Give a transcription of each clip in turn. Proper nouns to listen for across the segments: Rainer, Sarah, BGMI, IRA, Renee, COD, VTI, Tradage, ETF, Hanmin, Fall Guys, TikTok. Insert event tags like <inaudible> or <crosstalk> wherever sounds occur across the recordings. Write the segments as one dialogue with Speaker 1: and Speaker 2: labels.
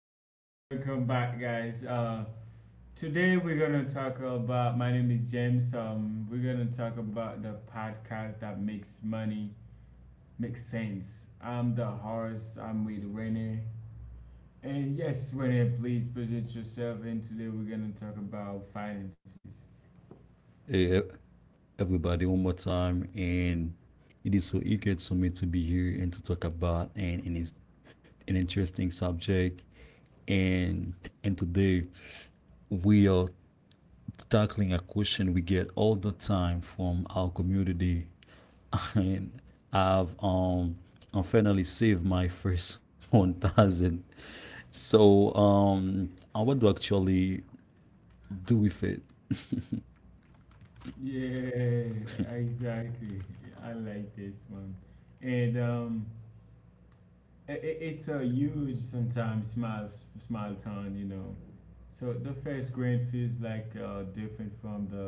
Speaker 1: alright. Welcome back, guys. Today we're gonna talk about. My name is James. We're gonna talk about the podcast that makes money makes sense. I'm the host. I'm with Renee. And yes, Renee, please present yourself. And today we're gonna talk about finances. Yeah, exactly. I like this one. And it's a huge sometimes small small town, you know. So the first grant feels like different from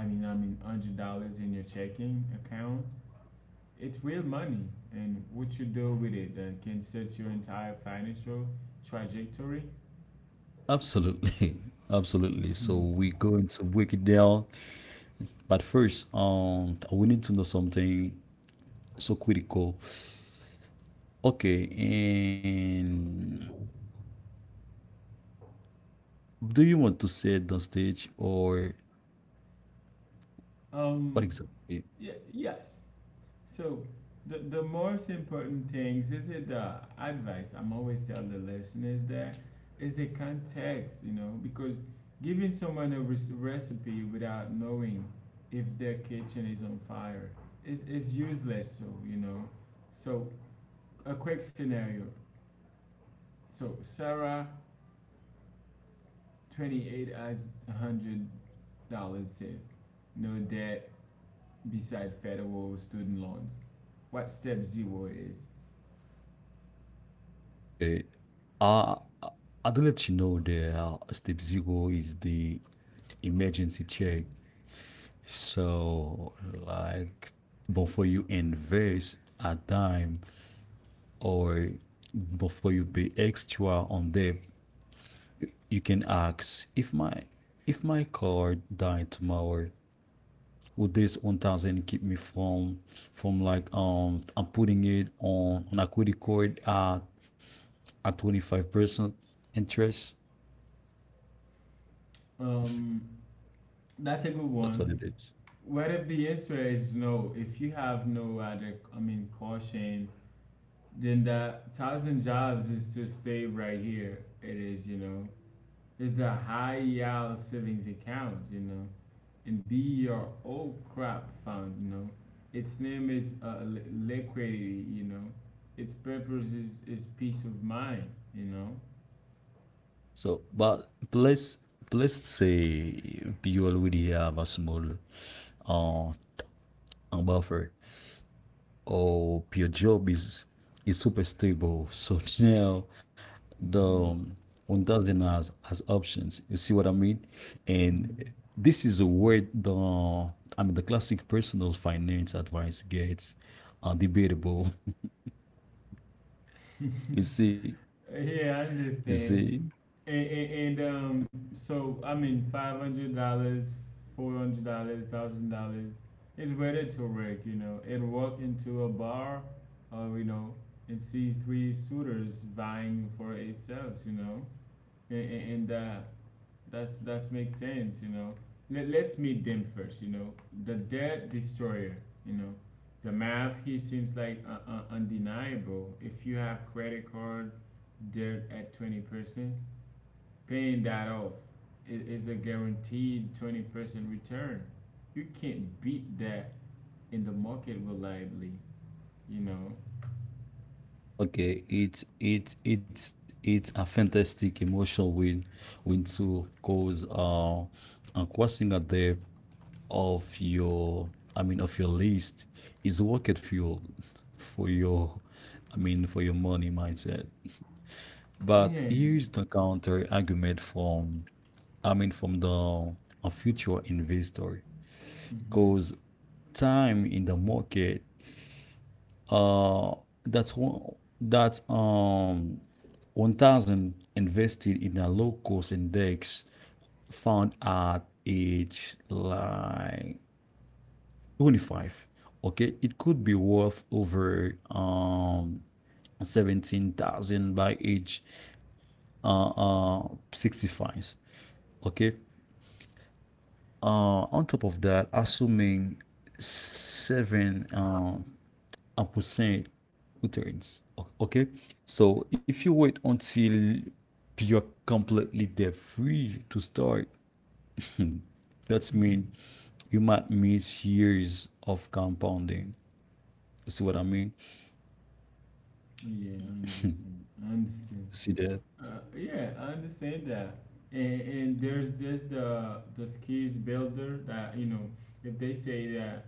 Speaker 1: I mean, $100 in your checking account. It's real money, and what you do with it can set your entire financial trajectory. Hmm. Um, yeah, yes. So the most important things is it the advice I'm always tell the listeners that is the context, you know, because giving someone a recipe without knowing if their kitchen is on fire is useless. So you know, so a quick scenario. So Sarah, 28, has $100 saved, no debt beside federal student loans. What step zero is? Um, That's a good one. What if the answer is no? If you have no other, I mean, caution, then the thousand jobs is to stay right here. It is, you know, it's the high yield savings account, you know, and be your old crop fund, you know. Its name is liquidity, you know. Its purpose is peace of mind, you know. Hmm. Hmm. <laughs> Yeah, I understand. And so I mean, $500, $400, $1,000 is better to work. You know, it walk into a bar, or you know, and see 3 suitors vying for itself. You know, and that's makes sense. You know, let's meet them first. You know, the debt destroyer. You know, the math here seems like undeniable. If you have credit card debt at 20%, paying that off is a guaranteed 20% return. You can't beat that in the market reliably, you know? Yeah. Hmm. Hmm. Yeah, I understand. I understand. Yeah, I understand that. And there's just the skills builder that you know, if they say that,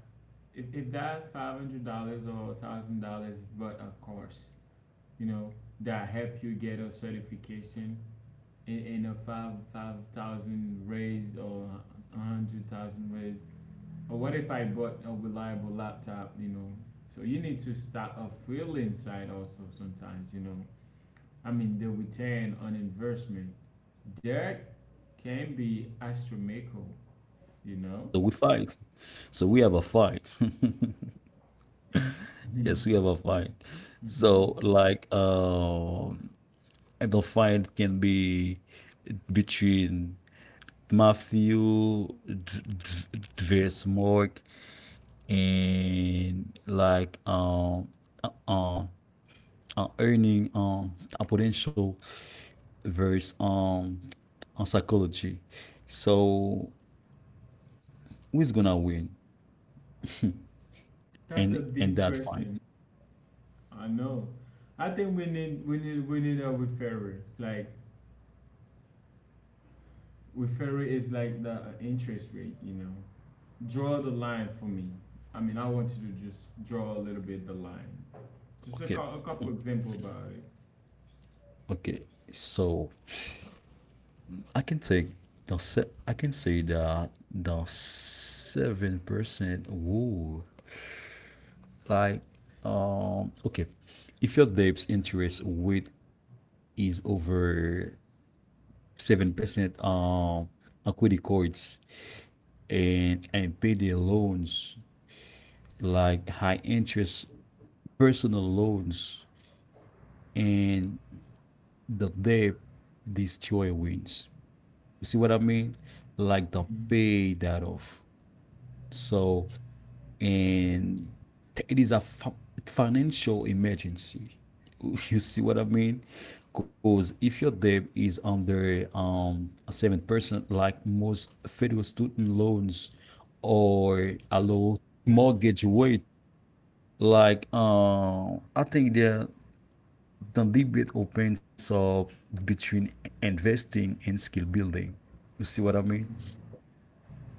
Speaker 1: if that $500 or $1,000 but a course, you know, that help you get a certification in a five thousand raise or 100,000 raise, or what if I bought a reliable laptop, you know, so you need to start a feeling side also sometimes, you know. I mean, the return on investment there can be astronomical, you know. Mhm. Hmm. That's a deep question. I know. I think we need a referral, like referral is like the interest rate, you know. Draw the line for me. I mean, I want you to just draw a little bit the line. Just a, a couple example about it.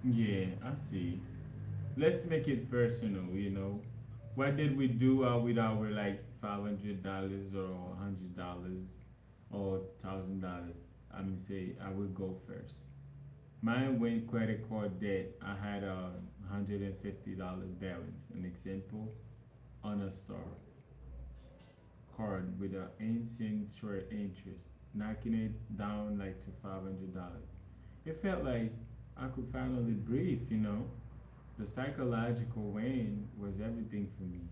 Speaker 1: Yeah, I see. Let's make it personal, you know. What did we do with our like $500 or $100 or $1,000? I mean, say I will go first. Mine went credit card debt. I had $150 balance. An example on a store card with an ancient short interest, knocking it down like to $500. It felt like I could finally breathe, you know. The psychological win was everything for me.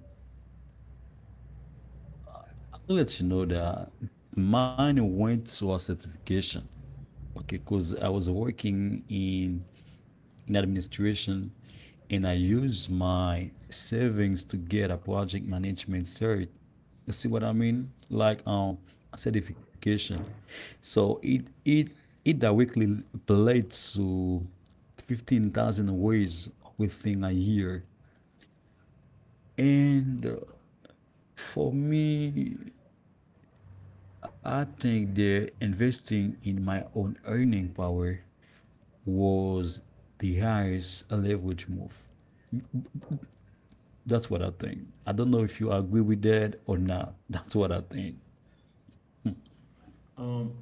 Speaker 1: Um,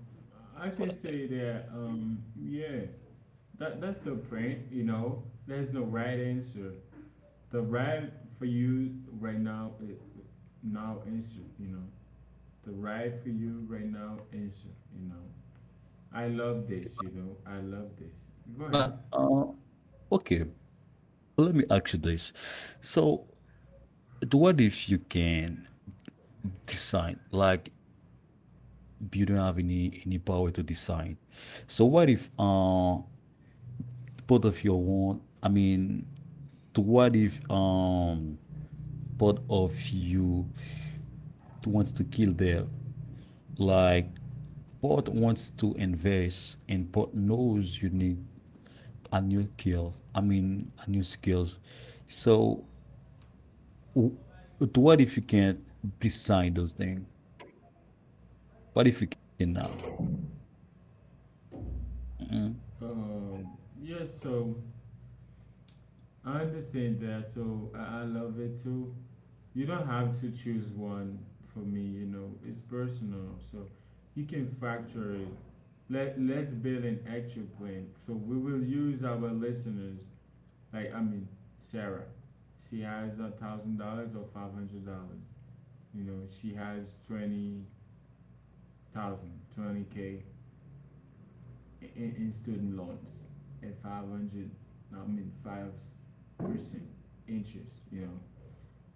Speaker 1: I can say that yeah, that's the print, you know. There's no right answer. The right for you right now is now answer, you know. The right for you right now answer, you know. I love this, you know. I love this. Go ahead. Um, yes, so I understand that. So I love it too. You don't have to choose one for me, you know, it's personal. So you can factor it. Let's build an actual plan. So we will use our listeners, like, I mean, Sarah. She has $1,000 or $500. You know, she has 20,000, 20 K. In student loans at 500, I mean 5% interest, you know.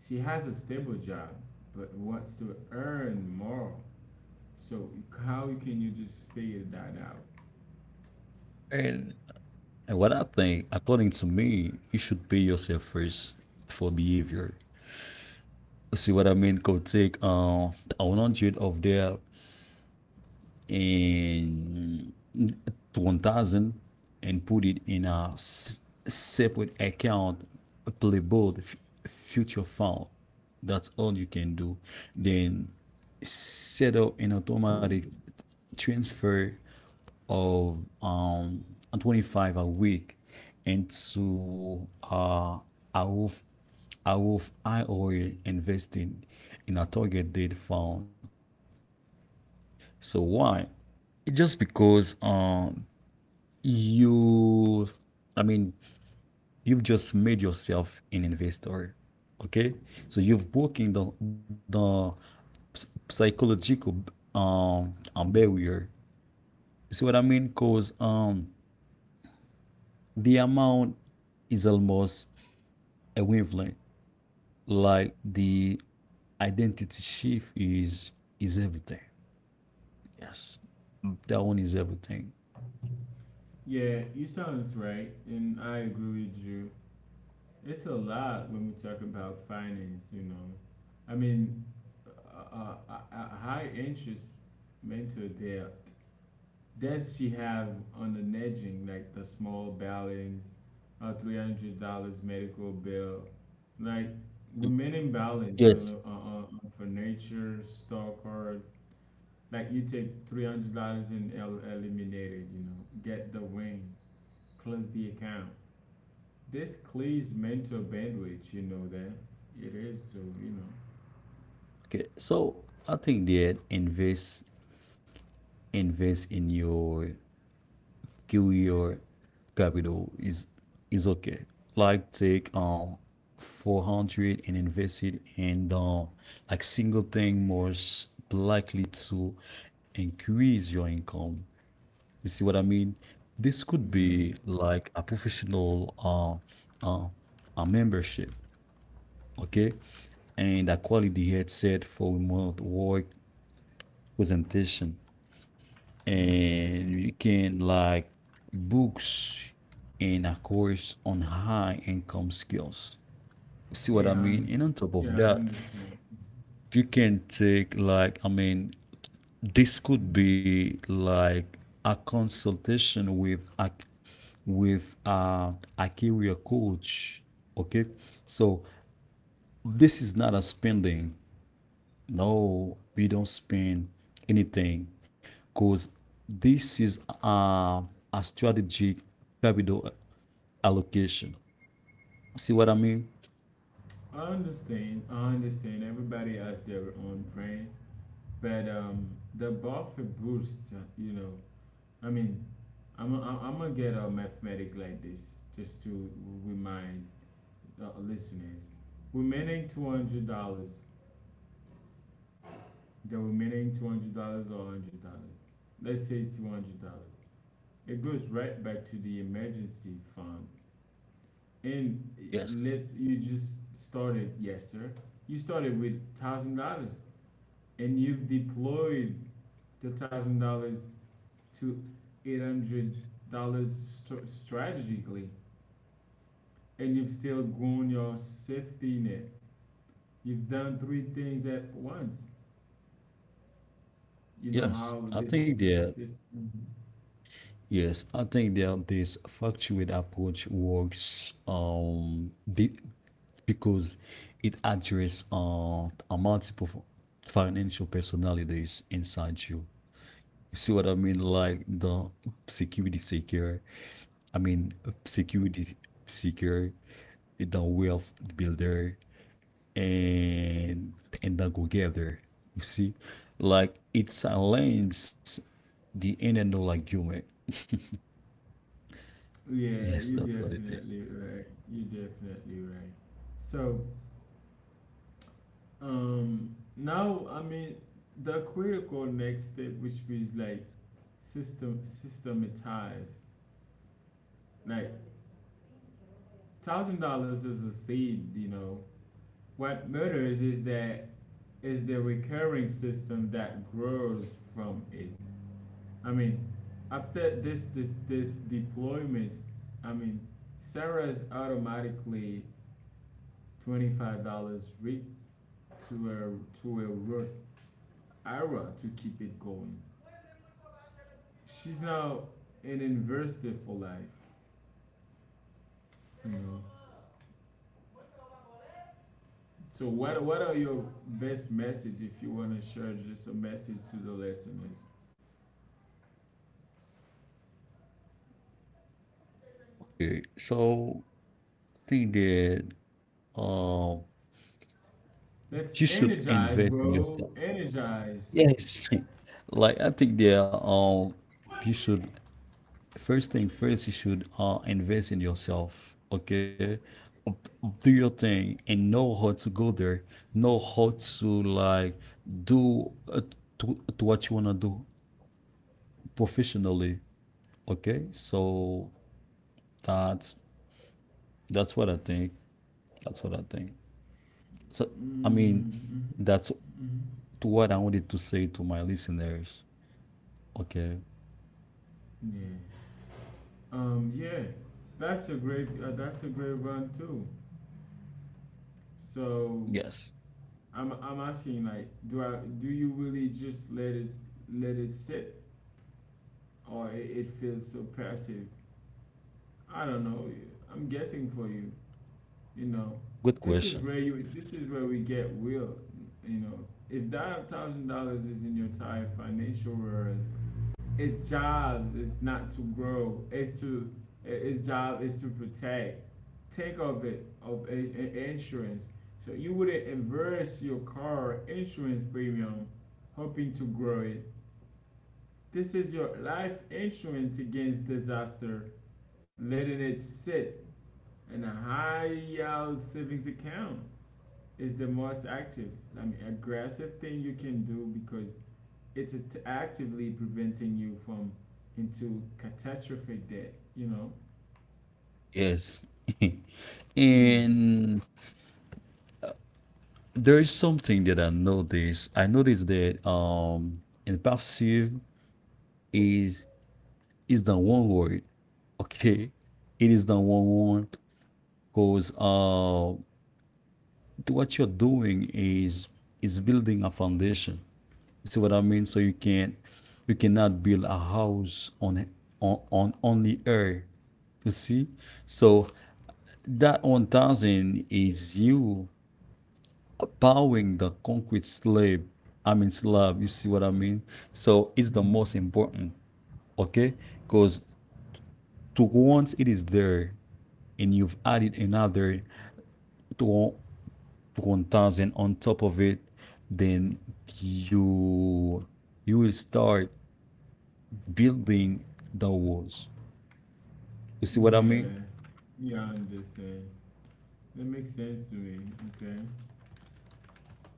Speaker 1: She has a stable job but wants to earn more. So how can you just figure that out? Yeah, you sounds right and I agree with you. It's a lot when we talk about finance, you know. I mean, a high interest mental debt. Does she have on the nudging like the small balance, a $300 medical bill? Like women imbalance on, on, on furniture, store card. Like you take $300 and eliminate it. You know, get the win, close the account. This clears mental bandwidth. You know that it is. So you know, yeah, yeah. I understand. Yeah, I understand. I understand. I understand. Everybody has their own brand, but the buffer boost. You know, I mean, I'm gonna get a mathematic like this just to remind listeners. Remaining $200. The remaining $200 or $100. Let's say $200. It goes right back to the emergency fund. And let's you just started. Yes, sir. You started with $1,000 and you've deployed the $1,000 to $800 strategically, and you've still grown your safety net. You've done three things at once. You know how this this yeah, you definitely right. You definitely right. So now I mean the critical next step, which is like systematized, like $1,000 is a seed, you know. What matters is that is the recurring system that grows from it. I mean, after this deployment, I mean, Sarah's automatically $25 rate to a root IRA to keep it going. She's now an investor for life, you know. So what are your best message if you want to share just a message to the listeners? Let's energize, bro. Energize. Mm. Mhm. Yeah. Yeah. That's a great. That's a great run too. So I'm asking like, do I? Do you really just let it? Let it sit, or it feels so passive? I don't know. I'm guessing for you. You know, this is where you. This is where we get will. You know, if that $1,000 is in your entire financial world, its job is not to grow. It's to Its job is to protect. Take of it of insurance. So you wouldn't inverse your car insurance premium, hoping to grow it. This is your life insurance against disaster. Letting it sit in a high yield savings account is the most active, I mean, aggressive thing you can do because it's actively preventing you from into catastrophic debt, you know. Mm. Mm. Yeah. Yeah, I understand. That makes sense to me. Okay.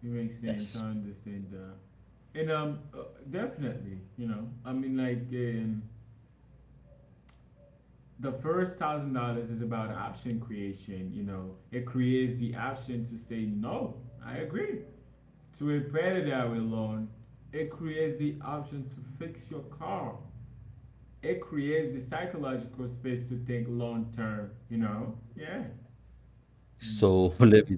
Speaker 1: It makes sense. I understand that. And definitely, you know. I mean like the first $1,000 is about option creation, you know, it creates the option to say no. I agree. To a predatory loan, it creates the option to fix your car, it creates the psychological space to think long term, you know? Yeah. Mm, yeah.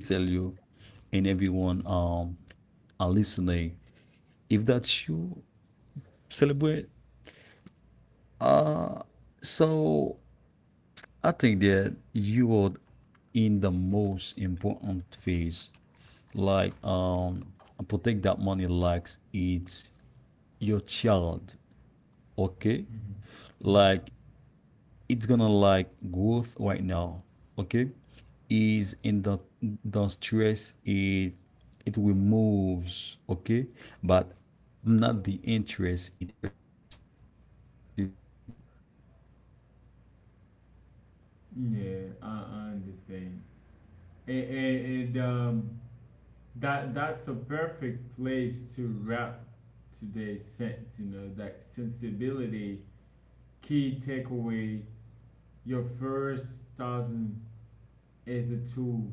Speaker 1: Mm-hmm. Mm-hmm. Yeah, I understand. And that's a perfect place to wrap today's sense, you know, that sensibility, key takeaway, your first thousand is a tool.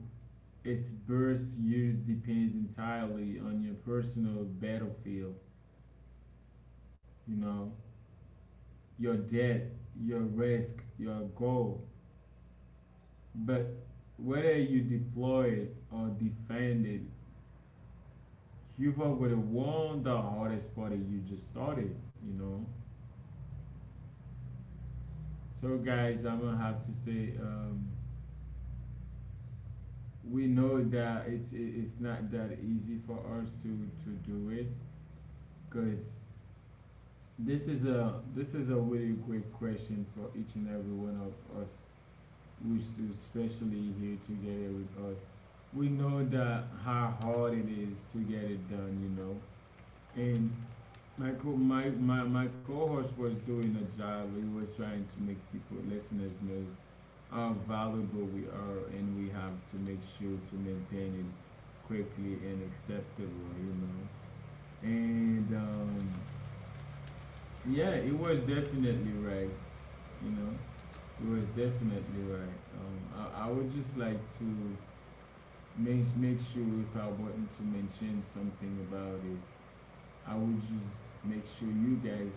Speaker 1: Its burst use depends entirely on your personal battlefield, you know. Your debt, your risk, your goal. But whether you deploy it or defend it, you've already won the hardest part that you just started, you know. So guys, I'm gonna have to say we know that it's not that easy for us to do it, because this is a really great question for each and every one of us who's especially here together with us. We know that how hard it is to get it done, you know. And my, my, my co-host was doing a job. He was trying to make people listeners know how valuable we are, and we have to make sure to maintain it quickly and acceptable, you know. And yeah, it was definitely right, you know. It was definitely right. I would just like to make sure if I want to mention something about it, I would just make sure you guys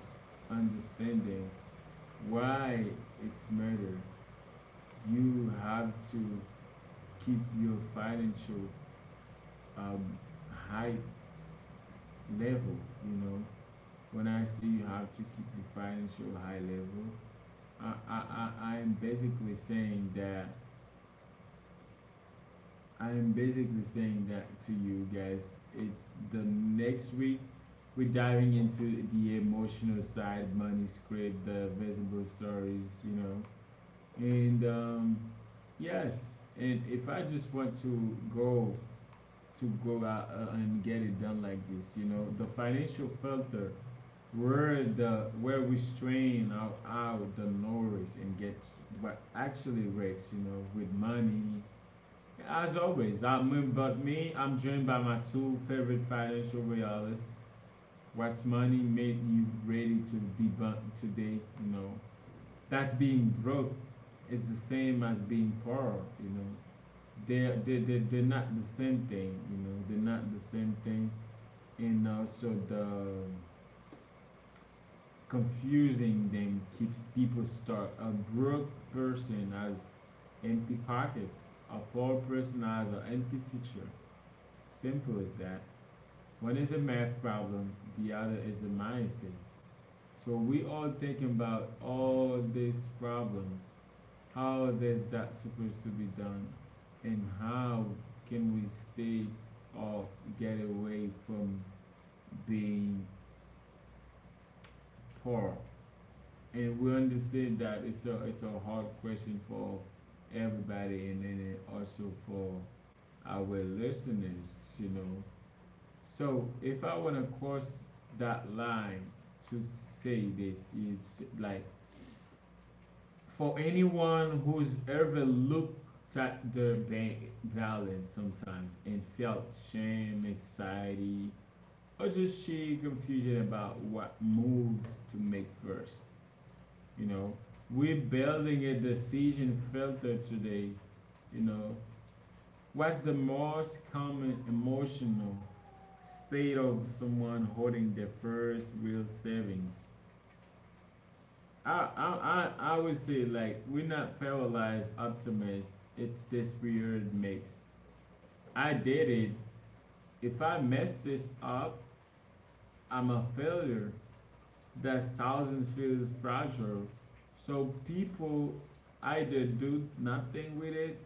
Speaker 1: understanding why it's murder. You have to keep your financial um, high level. You know, when I say you have to keep your financial high level, I am basically saying that I'm basically saying that to you guys. It's the next week. We're diving into the emotional side, money script, the visible stories, you know. And yes, and If I just want to go to go out and get it done like this, you know, the financial filter where we strain out the noise and get what actually works, you know, with money. As always, I'm Moon But Me. I'm joined by my two favorite financial realists. What's money made you ready to debunk today? You know, that being broke is the same as being poor. You know, they're not the same thing. You know, they're not the same thing. And also, the confusing them keeps people stuck. A broke person has empty pockets, a poor person has an empty future. Simple as that. One is a math problem, the other is a mindset. So we all thinking about all these problems, how is that supposed to be done, and how can we stay or get away from being poor? And we understand that it's a hard question for everybody, and then also for our listeners, you know. So if I want to cross that line to say this, it's like for anyone who's ever looked at their bank balance sometimes and felt shame, anxiety, or just sheer confusion about what moves to make first, you know, we're building a decision filter today. You know, what's the most common emotional state of someone holding their first real savings? I would say like we're not paralyzed optimists. It's this weird mix. I did it. If I mess this up, I'm a failure. That's thousands feels fragile. So people either do nothing with it,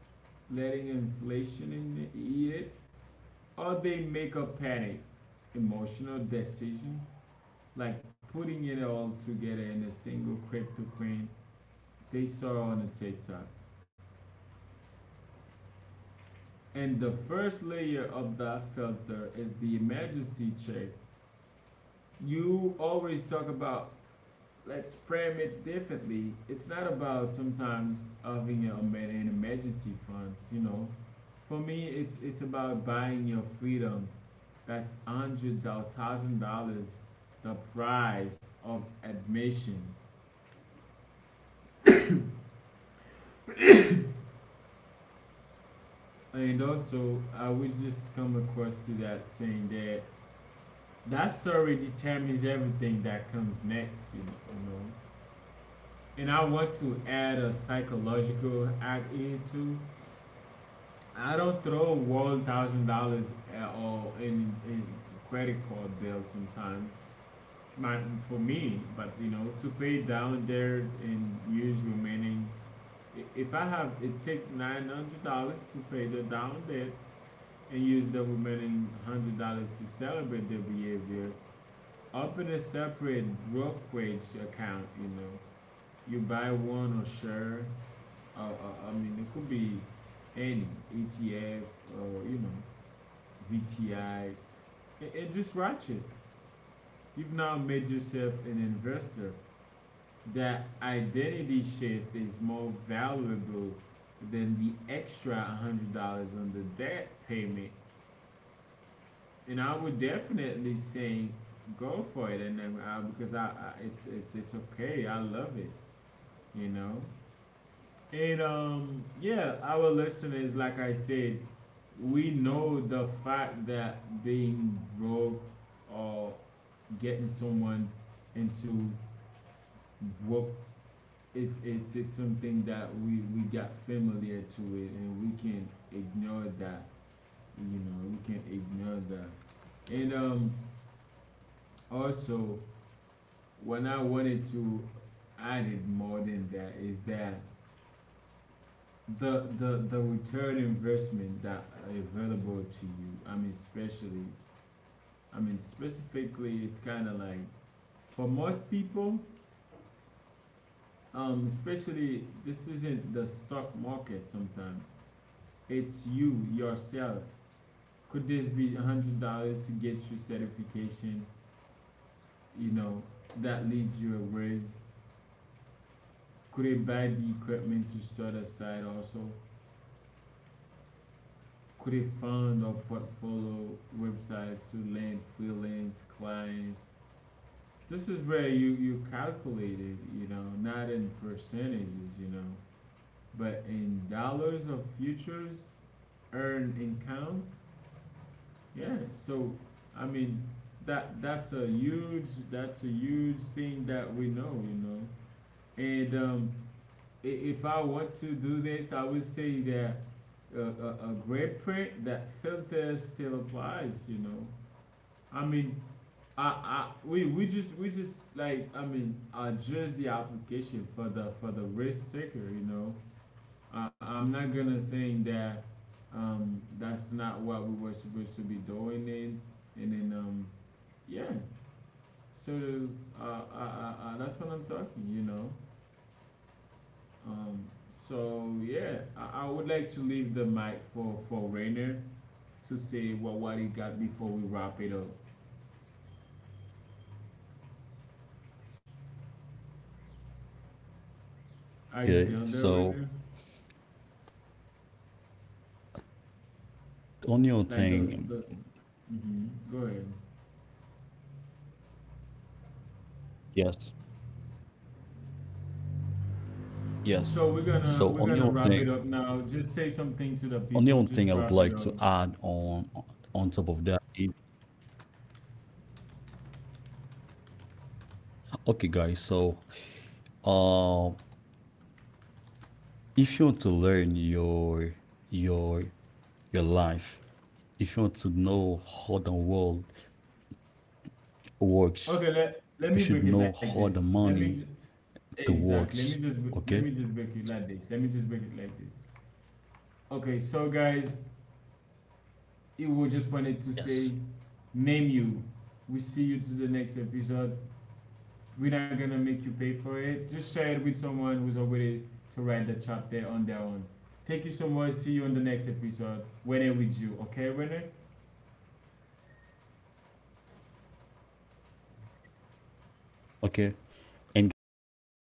Speaker 1: letting inflation in eat it, or they make a panic, emotional decision like putting it all together in a single crypto coin they saw on a TikTok. And the first layer of that filter is the emergency check. You always talk about let's frame it differently. It's not about sometimes an emergency fund, you know. For me, it's about buying your freedom. That's $100,000, the price of admission. And also, I will just come across to that saying that that story determines everything that comes next, you know. You know? And I want to add a psychological act into. I don't throw $1,000 at all in credit card bills sometimes. Not for me, but you know, to pay down there and use remaining. If I have it take $900 to pay the down debt, and use the remaining $100 to celebrate the behavior. Open a separate brokerage account. You know, you buy one or share. I mean, it could be any ETF, you know, VTI, and just watch it. You've now made yourself an investor. That identity shift is more valuable than the extra $100 on the debt payment. And I would definitely sing, go for it, and then, because I it's okay. I love it, you know. And Yeah, our listeners, like I said, we know the fact that being broke or getting someone into broke, it's something that we got familiar to it, and we can ignore that, you know, we can ignore that. And Also, when I wanted to add it more than that is that the return investment that are available to you. I mean, especially, I mean, specifically, it's kind of like for most people, especially this isn't the stock market. Sometimes it's you yourself. Could this be $100 to get your certification? You know that leads you a ways. Could it buy the equipment to start a site also? Could a fund or portfolio website to land freelance clients? This is where you calculate it, you know, not in percentages, you know, but in dollars of futures earned income. Yeah, so I mean that's a huge thing that we know, you know. And um, if I want to do this, I would say that a great print that filter still applies, you know. I mean, I, we just like, I mean, address the application for for the risk taker. You know, I'm not gonna saying that, that's not what we were supposed to be doing. Then, and then, yeah. So, that's what I'm talking. You know, um, so yeah, I would like to leave the mic for Rainer to say what he got before we wrap it up. Are you still there, Rainer?
Speaker 2: Okay, so the only thing
Speaker 1: Like
Speaker 2: that I would
Speaker 1: the
Speaker 2: like to
Speaker 1: Mm-hmm.
Speaker 2: add,
Speaker 1: Go ahead.
Speaker 2: yes, yes.
Speaker 1: So we're gonna
Speaker 2: So
Speaker 1: we're gonna wrap it up now. Just say something to the
Speaker 2: only
Speaker 1: people.
Speaker 2: one
Speaker 1: Just
Speaker 2: thing I would
Speaker 1: wrap it
Speaker 2: like
Speaker 1: up.
Speaker 2: to add on top of that is okay, guys. Uh, if you want to learn your your life, if you want to know how the world works,
Speaker 1: Okay. Let
Speaker 2: you
Speaker 1: me
Speaker 2: should
Speaker 1: break it
Speaker 2: know
Speaker 1: like
Speaker 2: how
Speaker 1: this.
Speaker 2: the money to
Speaker 1: Exactly.
Speaker 2: works.
Speaker 1: Let me
Speaker 2: Okay.
Speaker 1: just break it like this. Let me just break it like this. Okay. So guys, it will just wanted to say,
Speaker 2: Yes.
Speaker 1: name you. We see you to the next episode. We're not gonna make you pay for it. Just share it with someone who's already to write the chapter on their own. Thank you so much. See you on the next episode. Winner with you. Okay, winner.
Speaker 2: Okay. And guys, um,